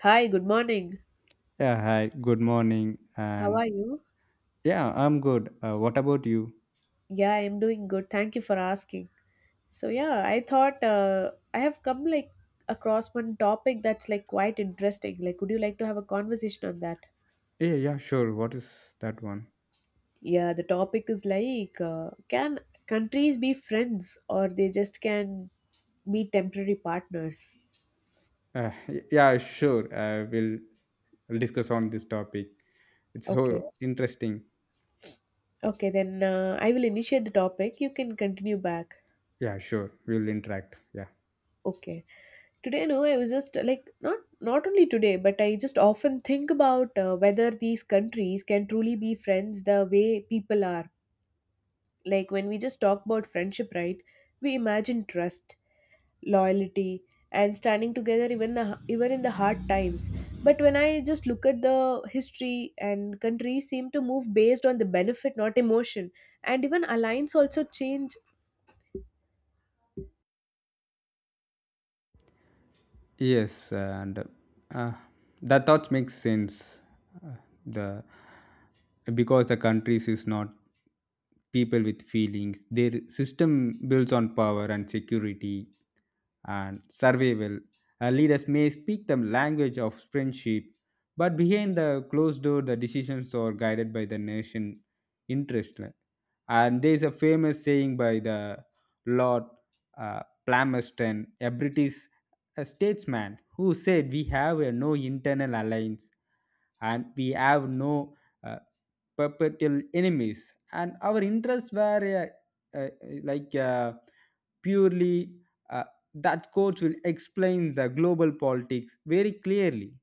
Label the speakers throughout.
Speaker 1: Hi, good morning.
Speaker 2: Yeah, hi, good morning.
Speaker 1: How are you?
Speaker 2: I'm good. What about you?
Speaker 1: Yeah, I'm doing good. Thank you for asking. So yeah, I thought I have come like across one topic that's like quite interesting. Like, would you like to have a conversation on that?
Speaker 2: Yeah, sure. What is that one?
Speaker 1: Yeah, the topic is like, can countries be friends or they just can be temporary partners?
Speaker 2: Yeah, sure. We'll discuss on this topic. It's
Speaker 1: Okay.
Speaker 2: so interesting.
Speaker 1: Okay, then I will initiate the topic. You can continue back.
Speaker 2: Yeah, sure. We'll interact. Yeah.
Speaker 1: Okay. Today, no, I was just like not only today, but I just often think about whether these countries can truly be friends the way people are. Like, when we just talk about friendship, right, we imagine trust, loyalty, and standing together even in the hard times. But when I just look at the history, and countries seem to move based on the benefit, not emotion, and even alliance also change.
Speaker 2: Yes, and uh, that thoughts make sense. Uh, the Because the countries is not people with feelings. Their system builds on power and security and survival. Leaders may speak the language of friendship, but behind the closed door, the decisions are guided by the nation interest. And there is a famous saying by the Lord Palmerston, a British statesman, who said, "We have a no internal alliance, and we have no." Uh, Perpetual enemies and our interests were like uh, purely uh, that quote will explain the global politics very clearly.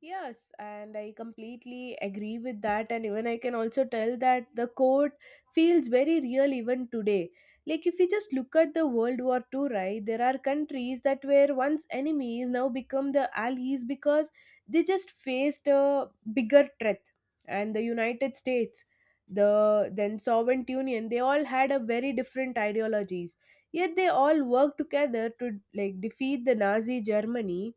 Speaker 1: Yes, and I completely agree with that. And even I can also tell that the quote feels very real even today. Like, if you just look at the World War II, right, there are countries that were once enemies, now become the allies because they just faced a bigger threat. And the United States, the then Soviet Union, they all had a very different ideologies. Yet they all worked together to like defeat the Nazi Germany,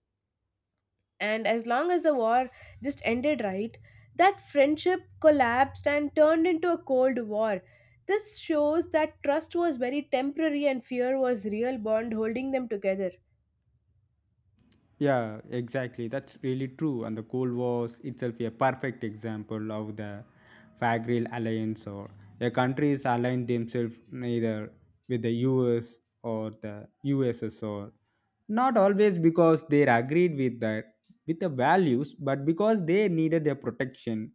Speaker 1: and as long as the war just ended, right, that friendship collapsed and turned into a Cold War. This shows that trust was very temporary and fear was real bond holding them together.
Speaker 2: Yeah, exactly. That's really true. And the Cold Wars itself a perfect example of the Fagreal alliance or a countries aligned themselves neither with the US or the USSR. Not always because they agreed with the values, but because they needed their protection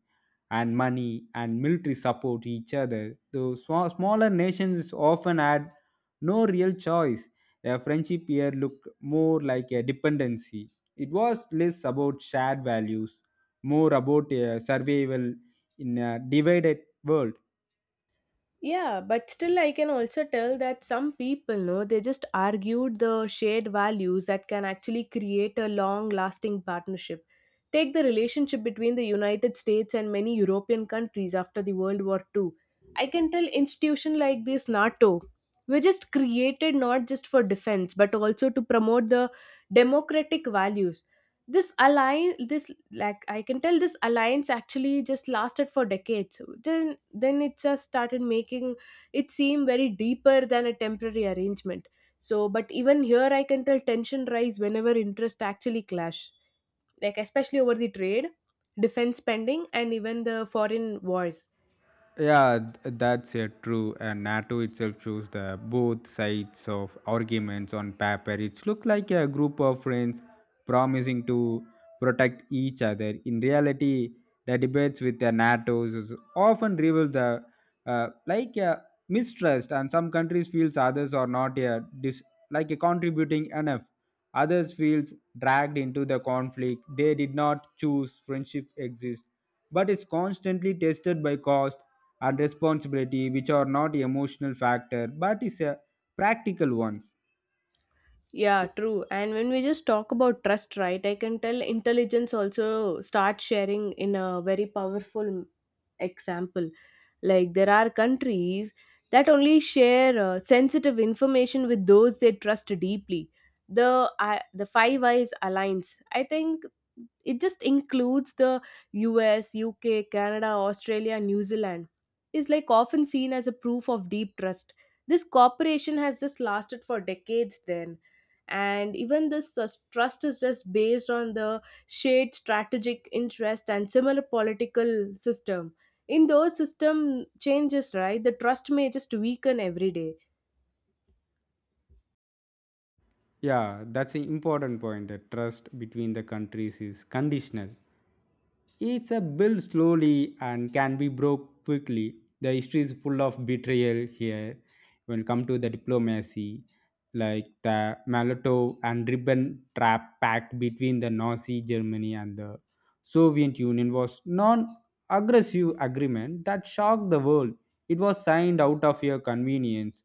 Speaker 2: and money and military support each other. Those smaller nations often had no real choice. A friendship here looked more like a dependency. It was less about shared values, more about a survival in a divided world.
Speaker 1: Yeah, but still, I can also tell that some people, no, they just argued the shared values that can actually create a long lasting partnership. Take the relationship between the United States and many European countries after the World War II. I can tell institutions like this NATO were just created not just for defense but also to promote the democratic values. This alliance, this, like, I can tell this alliance actually just lasted for decades, then it just started making it seem very deeper than a temporary arrangement. So but even here I can tell tension rise whenever interest actually clash, like especially over the trade, defense spending, and even the foreign wars.
Speaker 2: That's true. And NATO itself chose the both sides of arguments on paper. It looked like a group of friends promising to protect each other. In reality, the debates with the NATOs is often reveal the like a mistrust, and some countries feels others are not a dis- like a contributing enough. Others feels dragged into the conflict. They did not choose friendship exists, but it's constantly tested by cost and responsibility which are not emotional factor but is a practical ones.
Speaker 1: Yeah, true. And when we just talk about trust, right, I can tell intelligence also starts sharing in a very powerful example. Like, there are countries that only share sensitive information with those they trust deeply. The Five Eyes Alliance, I think it just includes the US, UK, Canada, Australia, New Zealand. Is like often seen as a proof of deep trust. This cooperation has just lasted for decades then. And even this trust is just based on the shared strategic interest and similar political system. In those system changes, right, the trust may just weaken every day.
Speaker 2: Yeah, that's an important point that trust between the countries is conditional. It's a build slowly and can be broke quickly. The history is full of betrayal here. When it come to the diplomacy, like the Molotov and Ribbon Trap Pact between the Nazi Germany and the Soviet Union was non-aggressive agreement that shocked the world. It was signed out of your convenience,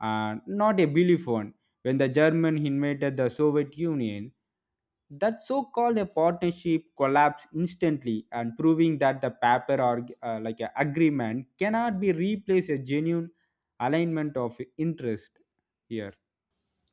Speaker 2: and not a belief one. When the German invaded the Soviet Union, that so-called a partnership collapsed instantly and proving that the paper or like a agreement cannot be replaced a genuine alignment of interest here.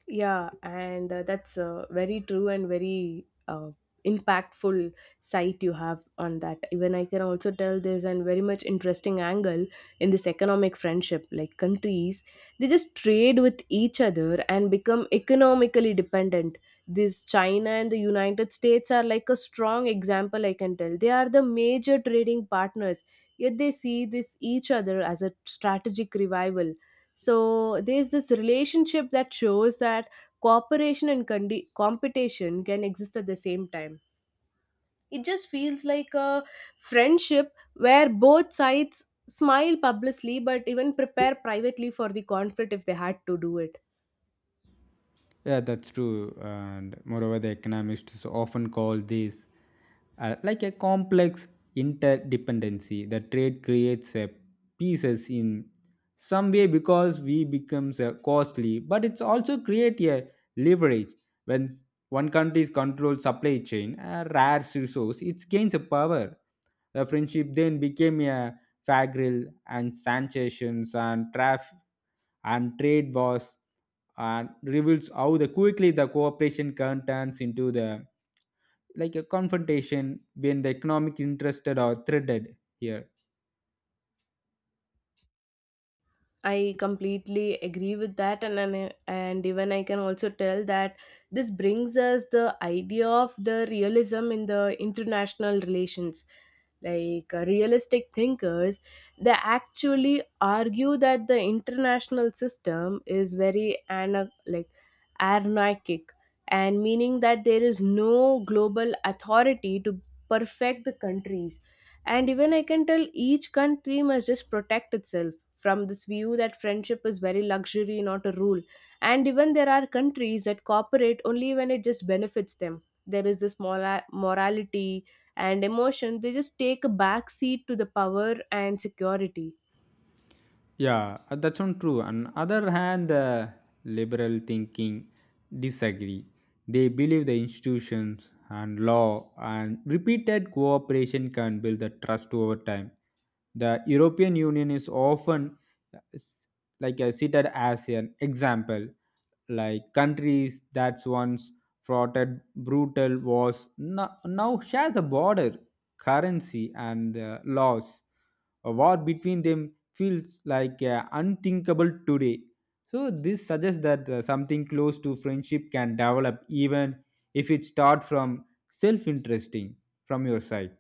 Speaker 1: Yeah, and that's a very true and very impactful site you have on that. Even I can also tell there's an very much interesting angle in this economic friendship. Like, countries, they just trade with each other and become economically dependent. This China and the United States are like a strong example. I can tell they are the major trading partners. Yet they see this each other as a strategic revival, so there's this relationship that shows that cooperation and competition can exist at the same time. It just feels like a friendship where both sides smile publicly but even prepare privately for the conflict if they had to do it.
Speaker 2: Yeah, that's true. And moreover, the economists often call this like a complex interdependency. The trade creates a pieces in some way because we becomes costly, but it's also create a leverage when one country's control supply chain, a rare resource, it gains a power. The friendship then became a fagrill and sanctions and traffic and trade wars and reveals how the quickly the cooperation can turns into the like a confrontation when the economic interested are threatened here.
Speaker 1: I completely agree with that, and even I can also tell that this brings us the idea of the realism in the international relations. Like realistic thinkers, they actually argue that the international system is very like anarchic, and meaning that there is no global authority to perfect the countries. And even I can tell each country must just protect itself. From this view, that friendship is very luxury, not a rule. And even there are countries that cooperate only when it just benefits them. There is this morality and emotion. They just take a back seat to the power and security.
Speaker 2: Yeah, that's not true. On other hand, the liberal thinking disagree. They believe the institutions and law and repeated cooperation can build the trust over time. The European Union is often uh, s- cited as an example, like countries that once fought brutal wars now share the border, currency, and laws. A war between them feels like unthinkable today. So this suggests that something close to friendship can develop even if it starts from self-interesting from your side.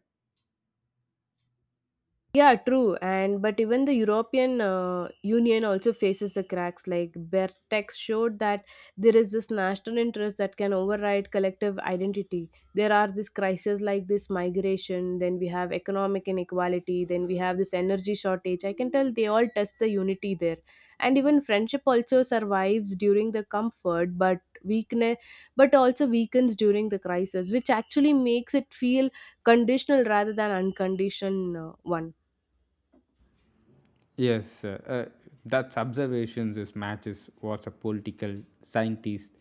Speaker 1: Yeah, true. And but even the European Union also faces the cracks. Like Bertex showed that there is this national interest that can override collective identity. There are these crises like this migration. Then we have economic inequality. Then we have this energy shortage. I can tell they all test the unity there. And even friendship also survives during the comfort, but weakness, but also weakens during the crisis, which actually makes it feel conditional rather than unconditional one.
Speaker 2: Yes, that's observations is matches what a political scientist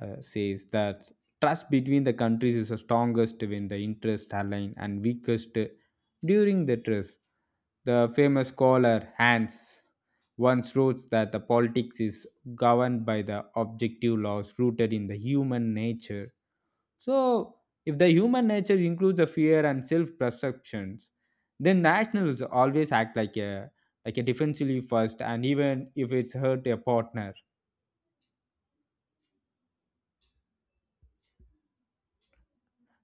Speaker 2: says that trust between the countries is the strongest when the interests align and weakest during the trust. The famous scholar Hans once wrote that the politics is governed by the objective laws rooted in the human nature. So, if the human nature includes the fear and self-perceptions, then nationals always act like a defensively first, and even if it's hurt a partner.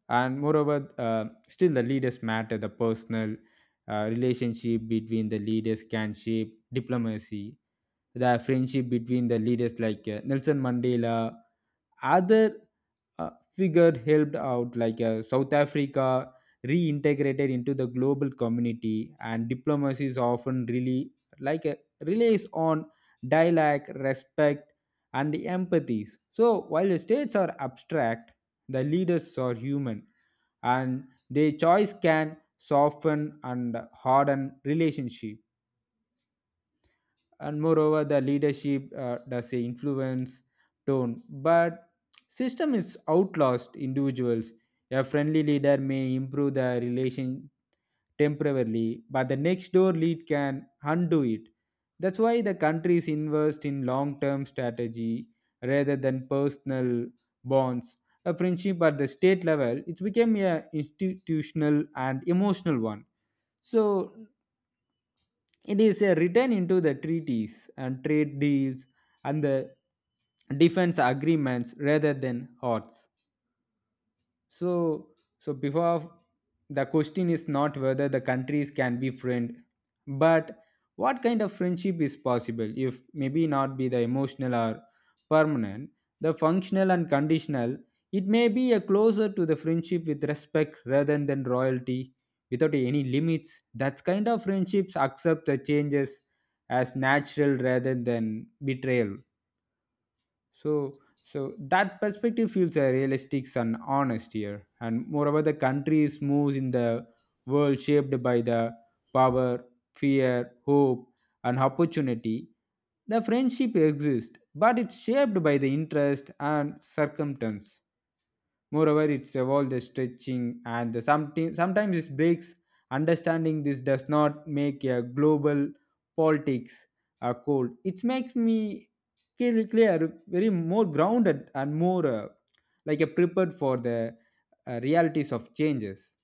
Speaker 2: And moreover still the leaders matter. The personal relationship between the leaders can shape diplomacy. The friendship between the leaders like Nelson Mandela other uh, figure helped out like South Africa reintegrated into the global community, and diplomacy is often really relies on dialogue, respect, and the empathies. So while the states are abstract, the leaders are human, and their choice can soften and harden relationship. And moreover the leadership does a influence tone, but system is outlast individuals. A friendly leader may improve the relation temporarily, but the next door lead can undo it. That's why the countries invest in long term strategy rather than personal bonds. A friendship at the state level it became a institutional and emotional one. So it is written into the treaties and trade deals and the defense agreements rather than hearts. So, so, before the question is not whether the countries can be friend, but what kind of friendship is possible if maybe not be the emotional or permanent, the functional and conditional. It may be a closer to the friendship with respect rather than royalty, without any limits. That kind of friendships accept the changes as natural rather than betrayal. So, that perspective feels realistic and honest here. And moreover, the country is moves in the world shaped by the power, fear, hope, and opportunity. The friendship exists, but it's shaped by the interest and circumstance. Moreover, it's evolved the stretching and the sometimes it breaks. Understanding this does not make a global politics cold. It makes me clear, very more grounded and more like a prepared for the realities of changes.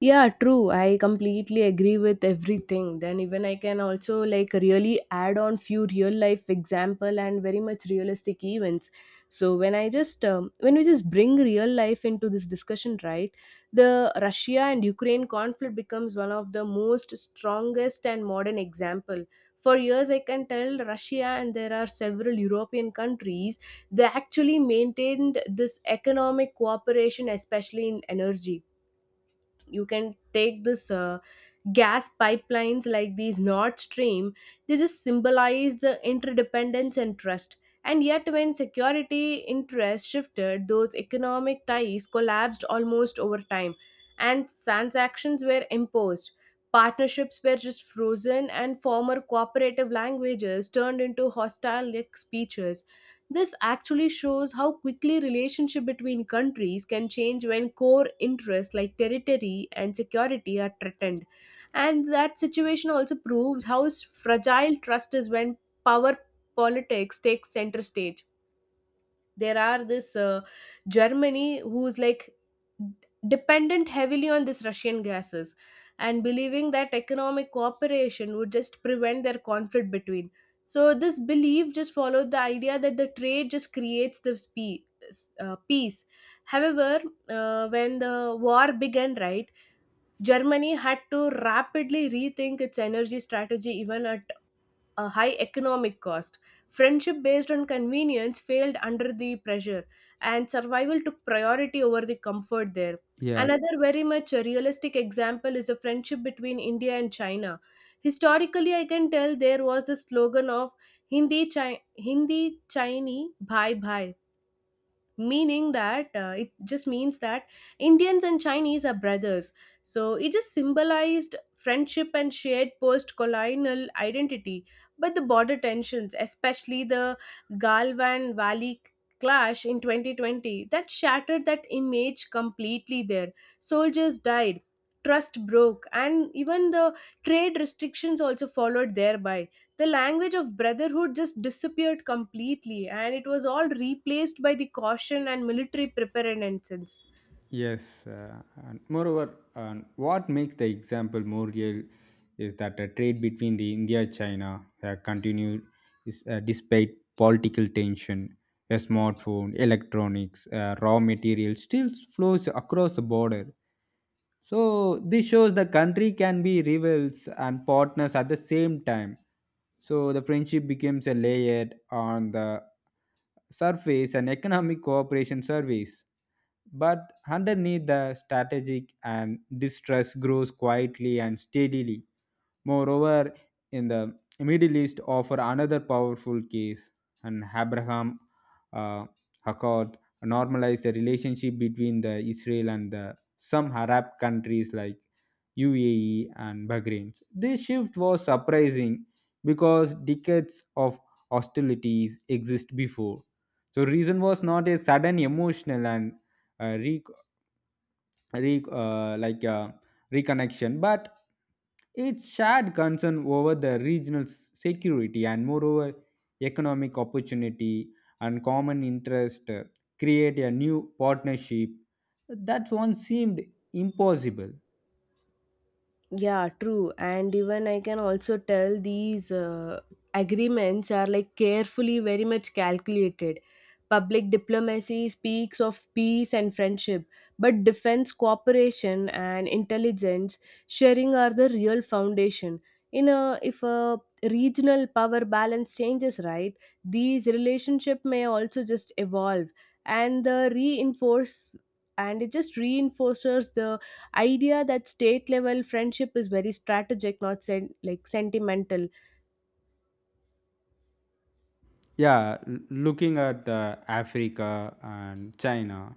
Speaker 1: Yeah, true. I completely agree with everything. Then even I can also like really add on few real life example and very much realistic events. So when we just bring real life into this discussion, right? The Russia and Ukraine conflict becomes one of the most strongest and modern example. For years, I can tell Russia and there are several European countries, they actually maintained this economic cooperation, especially in energy. You can take this gas pipelines like these Nord Stream. They just symbolize the interdependence and trust. And yet when security interests shifted, those economic ties collapsed almost over time, and transactions were imposed, partnerships were just frozen, and former cooperative languages turned into hostile, like, speeches. This actually shows how quickly relationship between countries can change when core interests like territory and security are threatened. And that situation also proves how fragile trust is when power politics takes center stage. There are this Germany who's like dependent heavily on this Russian gases, and believing that economic cooperation would just prevent their conflict between. So this belief just followed the idea that the trade just creates this peace. However, when the war began, right, Germany had to rapidly rethink its energy strategy even at a high economic cost. Friendship based on convenience failed under the pressure, and survival took priority over the comfort there.
Speaker 2: Yeah.
Speaker 1: Another very much a realistic example is a friendship between India and China. Historically, I can tell there was a slogan of Hindi, Chinese, bye bye, meaning that it just means that Indians and Chinese are brothers. So it just symbolized friendship and shared post colonial identity. But the border tensions, especially the Galvan Valley clash in 2020, that shattered that image completely there. Soldiers died. Trust broke, and even the trade restrictions also followed thereby. The language of brotherhood just disappeared completely, and it was all replaced by the caution and military preparedness.
Speaker 2: Yes, and moreover, and what makes the example more real is that the trade between the India China continued is, despite political tension. A smartphone, electronics, raw materials still flows across the border. So this shows the country can be rivals and partners at the same time. So the friendship becomes a layered on the surface and economic cooperation service, but underneath the strategic and distress grows quietly and steadily. Moreover, in the Middle East offer another powerful case, and Abraham uh, Accord normalized the relationship between the Israel and the some Arab countries like UAE and Bahrain. This shift was surprising because decades of hostilities exist before. So reason was not a sudden emotional and re- re, like reconnection, but its shared concern over the regional security and moreover economic opportunity and common interest create a new partnership that once seemed impossible.
Speaker 1: Yeah, true. And even I can also tell these agreements are like carefully, very much calculated. Public diplomacy speaks of peace and friendship, but defense cooperation and intelligence sharing are the real foundation. In a If a regional power balance changes, right, these relationship may also just evolve, and the reinforce and it just reinforces the idea that state level friendship is very strategic, not like sentimental.
Speaker 2: Looking at the Africa and China,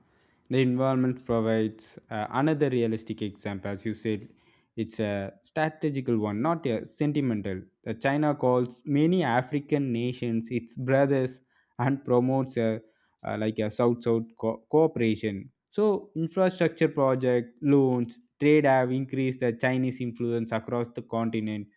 Speaker 2: the environment provides another realistic example. As you said, it's a strategical one, not a sentimental. China calls many African nations its brothers and promotes a, south south cooperation. So infrastructure project loans trade have increased the Chinese influence across the continent.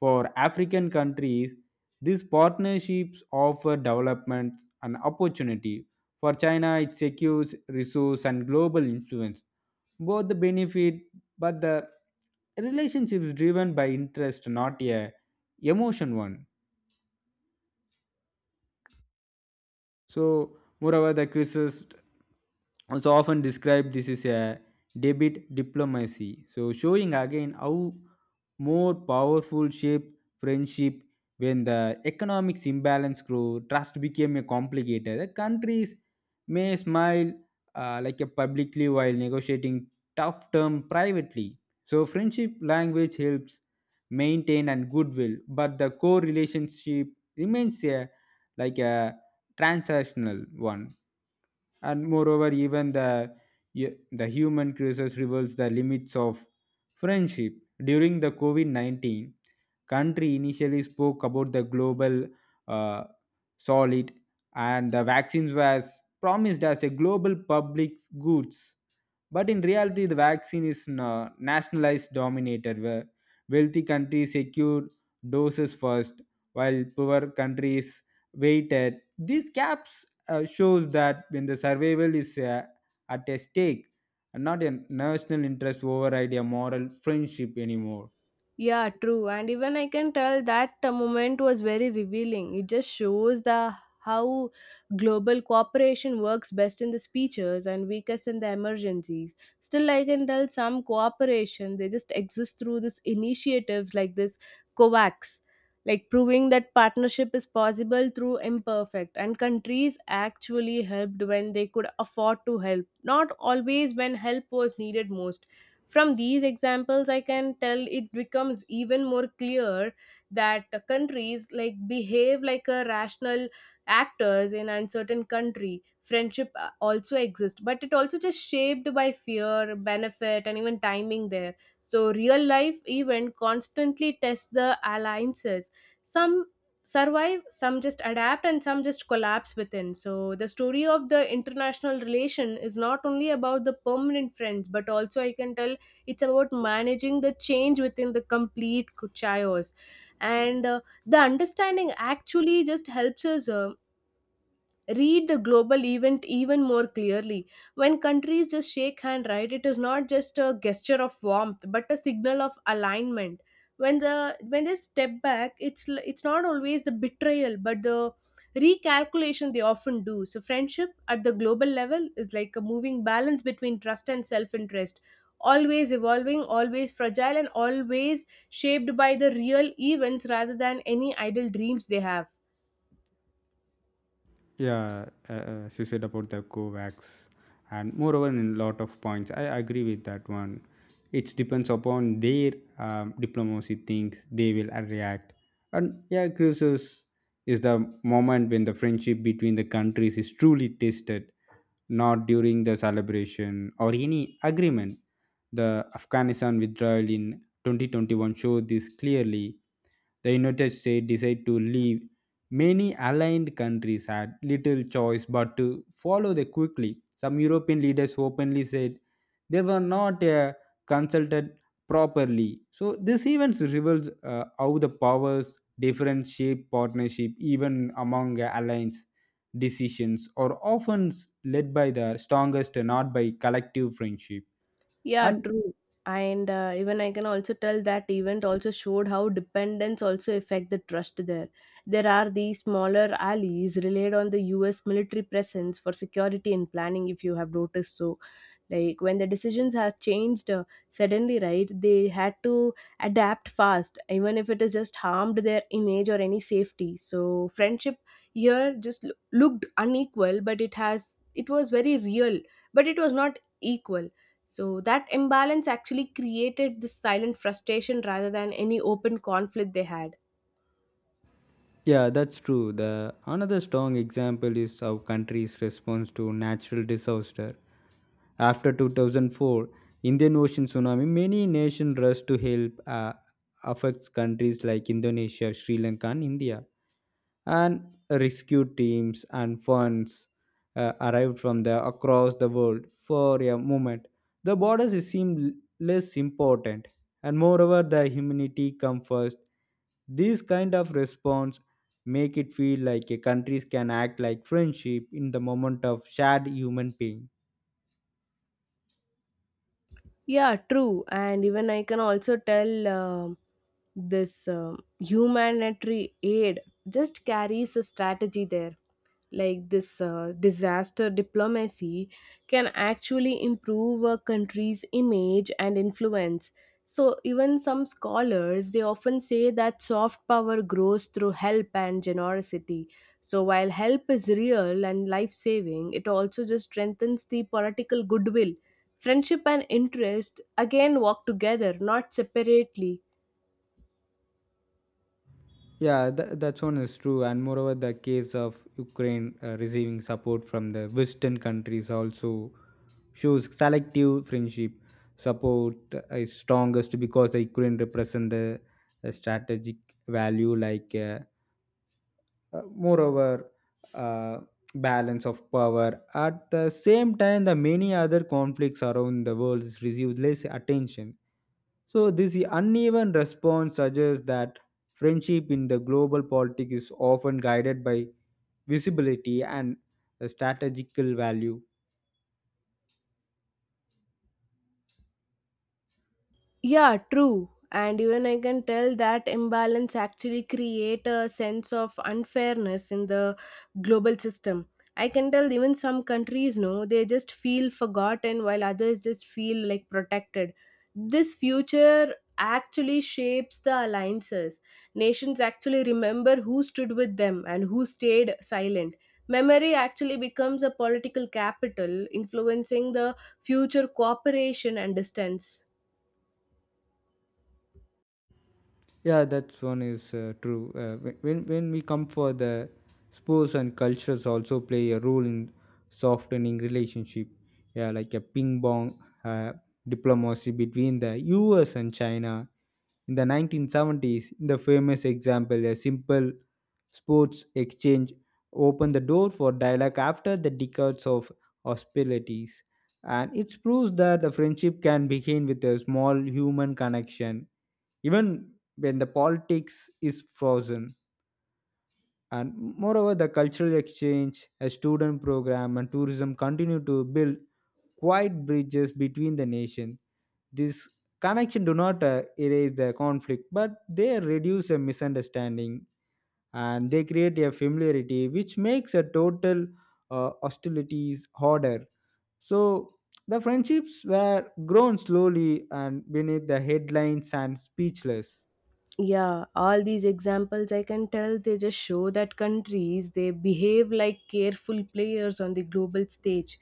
Speaker 2: For African countries, these partnerships offer developments and opportunity. For China, it secures resource and global influence. Both the benefit, but the relationship is driven by interest, not a emotion one. So, moreover, the crisis also often described this is a debit diplomacy. So, showing again how more powerful shape friendship when the economics imbalance grew, trust became a complicated. The countries may smile like a publicly while negotiating tough term privately. So, friendship language helps maintain and goodwill, but the core relationship remains a like a transactional one. And moreover even the human crisis reveals the limits of friendship during the COVID-19. Country initially spoke about the global uh, solid, and the vaccines was promised as a global public goods, but in reality the vaccine is nationalized dominated where wealthy countries secure doses first while poor countries waited. These gaps shows that when the survival is at a stake, and not a national interest override a moral friendship anymore.
Speaker 1: Yeah, true. And even I can tell that moment was very revealing. It just shows the how global cooperation works best in the speeches and weakest in the emergencies. Still, I can tell some cooperation, they just exist through this initiatives like this COVAX, like proving that partnership is possible through imperfect. And countries actually helped when they could afford to help, not always when help was needed most. From these examples, I can tell it becomes even more clear that countries like behave like a rational actors in uncertain country. Friendship also exists, but it also just shaped by fear, benefit, and even timing there. So real life even constantly tests the alliances. Some survive, some just adapt, and some just collapse within. So, the story of the international relation is not only about the permanent friends, but also I can tell it's about managing the change within the complete chaos. And the understanding actually just helps us read the global event even more clearly. When countries just shake hand, right, it is not just a gesture of warmth, but a signal of alignment. When they step back, it's not always the betrayal, but the recalculation they often do. So friendship at the global level is like a moving balance between trust and self-interest, always evolving, always fragile, and always shaped by the real events rather than any idle dreams they have.
Speaker 2: Yeah, as you said about the Covax, and moreover, in lot of points, I agree with that one. It depends upon their diplomacy things they will react, and yeah, crisis is the moment when the friendship between the countries is truly tested, not during the celebration or any agreement. The Afghanistan withdrawal in 2021 showed this clearly. The United States decided to leave. Many aligned countries had little choice but to follow them quickly. Some European leaders openly said they were not consulted properly. So this event reveals how the powers different shape partnership even among alliance decisions are often led by the strongest not by collective friendship.
Speaker 1: Yeah,
Speaker 2: And
Speaker 1: true. And even I can also tell that event also showed how dependence also affect the trust there. There are these smaller allies relied on the U.S. military presence for security and planning. If you have noticed, so like when the decisions have changed suddenly, right? They had to adapt fast, even if it is just harmed their image or any safety. So friendship here just looked unequal, but it was very real, but it was not equal. So that imbalance actually created this silent frustration rather than any open conflict they had.
Speaker 2: yeah, that's true. The another strong example is our country's response to natural disaster. After 2004 Indian Ocean tsunami, many nations rushed to help. Affects countries like Indonesia, Sri Lanka, and India, and rescue teams and funds arrived from the across the world for a moment. The borders seemed less important, and moreover, the humanity come first. This kind of response make it feel like a countries can act like friendship in the moment of shared human pain.
Speaker 1: Yeah, true. And even I can also tell this humanitarian aid just carries a strategy there. Like this disaster diplomacy can actually improve a country's image and influence. So, even some scholars they often say that soft power grows through help and generosity. So, while help is real and life saving, it also just strengthens the political goodwill. Friendship and interest again walk together, not separately.
Speaker 2: That one is true, and moreover, the case of Ukraine receiving support from the Western countries also shows selective friendship support is strongest because the Ukraine represent the strategic value like Uh, moreover, uh, balance of power. At the same time, the many other conflicts around the world receive less attention. So this uneven response suggests that friendship in the global politics is often guided by visibility and the strategical value.
Speaker 1: Yeah, true. And even I can tell that imbalance actually create a sense of unfairness in the global system. I can tell even some countries no, they just feel forgotten while others just feel like protected. This future actually shapes the alliances. Nations actually remember who stood with them and who stayed silent. Memory actually becomes a political capital, influencing the future cooperation and distance.
Speaker 2: Yeah, that's one is true. When we come for the sports and cultures also play a role in softening relationship. Yeah, like a ping pong diplomacy between the U.S. and China in the 1970s. In the famous example, a simple sports exchange opened the door for dialogue after the decades of hostilities, and it proves that the friendship can begin with a small human connection even when the politics is frozen. And moreover the cultural exchange a student program and tourism continue to build quiet bridges between the nations. This connection do not erase the conflict, but they reduce a misunderstanding and they create a familiarity which makes a total hostilities harder. So the friendships were grown slowly and beneath the headlines and speechless.
Speaker 1: Yeah, all these examples I can tell they just show that countries they behave like careful players on the global stage.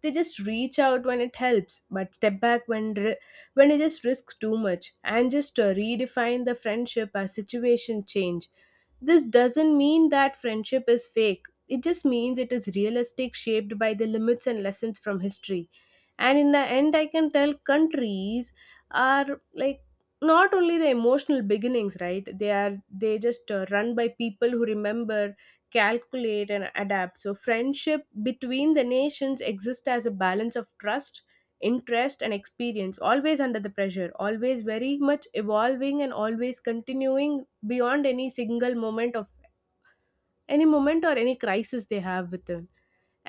Speaker 1: They just reach out when it helps but step back when it just risks too much and just redefine the friendship as situation change. This doesn't mean that friendship is fake, it just means it is realistic, shaped by the limits and lessons from history. And in the end, I can tell countries are like not only the emotional beginnings, right? They just run by people who remember, calculate and adapt. So friendship between the nations exist as a balance of trust, interest and experience, always under the pressure, always very much evolving and always continuing beyond any single moment of any moment or any crisis they have within.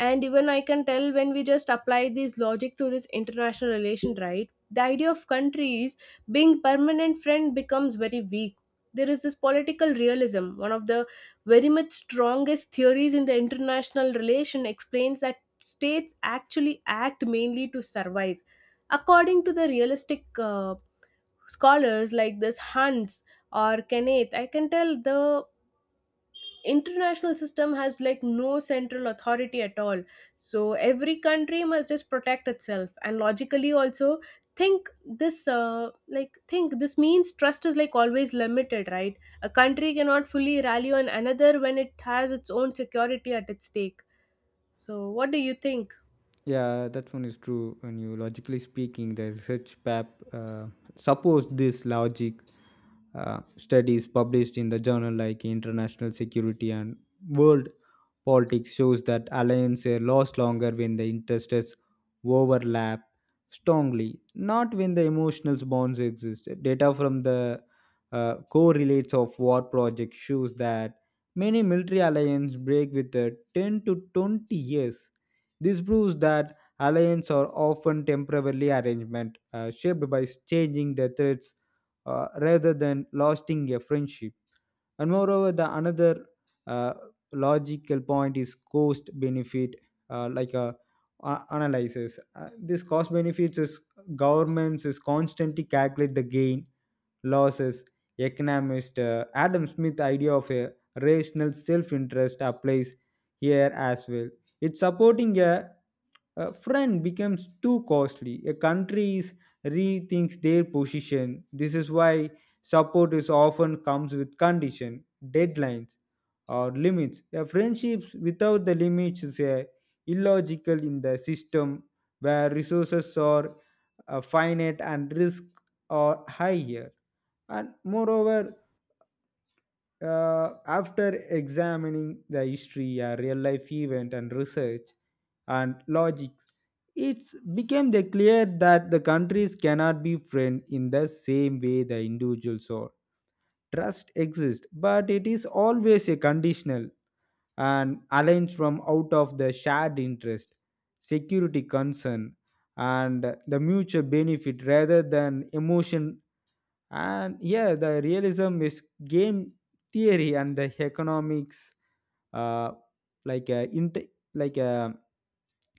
Speaker 1: And even I can tell when we just apply this logic to this international relation, right? The idea of countries being permanent friend becomes very weak. There is this political realism, one of the very much strongest theories in the international relation, explains that states actually act mainly to survive. According to the realistic uh, scholars like this Hans or Kenneth, I can tell the international system has like no central authority at all. So every country must just protect itself and logically also think this means trust is like always limited, right? A country cannot fully rally on another when it has its own security at its stake. So what do you think?
Speaker 2: Yeah, that one is true. When you logically speaking, the research pap suppose this logic. Studies published in the journal like International Security and World Politics shows that alliances last longer when the interests overlap strongly, not when the emotional bonds exist. Data from the correlates of war project shows that many military alliances break with a 10 to 20 years. This proves that alliances are often temporarily arrangement shaped by changing the threats rather than lasting a friendship. And moreover the another uh, logical point is cost benefit like a analysis. This cost benefits is governments is constantly calculate the gain losses. Economist Adam Smith idea of a rational self-interest applies here as well. It's supporting a friend becomes too costly a country is rethinks their position. This is why support is often comes with condition deadlines or limits. A friendships without the limits is a illogical in the system where resources are finite and risks are higher. And moreover, after examining the history, a real life event, and research and logic, it became the clear that the countries cannot be friends in the same way the individuals are. Trust exists, but it is always a conditional and aligned from out of the shared interest, security concern, and the mutual benefit rather than emotion. And yeah, the realism is game theory and the economics, uh, like a inter, like a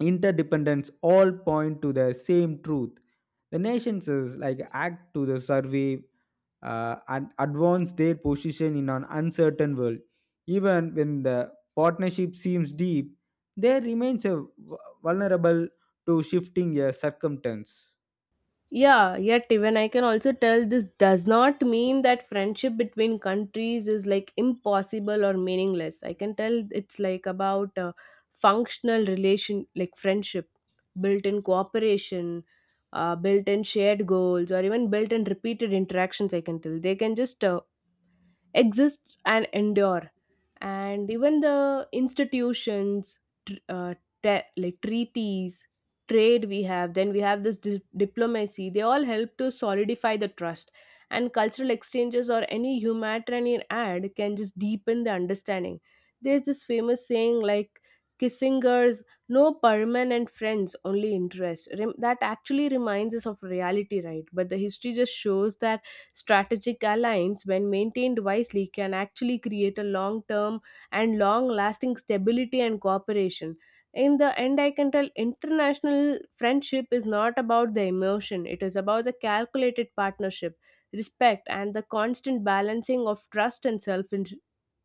Speaker 2: interdependence, all point to the same truth. The nations is like act to the survey and advance their position in an uncertain world. Even when the partnership seems deep, there remains a vulnerable to shifting circumstance.
Speaker 1: Yeah, yet even I can also tell this does not mean that friendship between countries is like impossible or meaningless. I can tell it's like about functional relation, like friendship, built in cooperation, built in shared goals, or even built in repeated interactions. I can tell they can just exist and endure. And even the institutions, tr- uh, like treaties, trade we have, then we have this diplomacy, they all help to solidify the trust. And cultural exchanges or any humanitarian ad can just deepen the understanding. There's this famous saying like Kissinger's no permanent friends only interest. That actually reminds us of reality, right? But the history just shows that strategic alliance, when maintained wisely, can actually create a long term and long lasting stability and cooperation. In the end, I can tell international friendship is not about the emotion, it is about the calculated partnership, respect, and the constant balancing of trust and self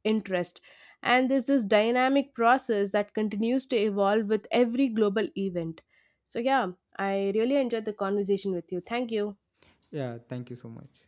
Speaker 1: interest. And this is dynamic process that continues to evolve with every global event. So, yeah, I really enjoyed the conversation with you. Thank you.
Speaker 2: Yeah, thank you so much.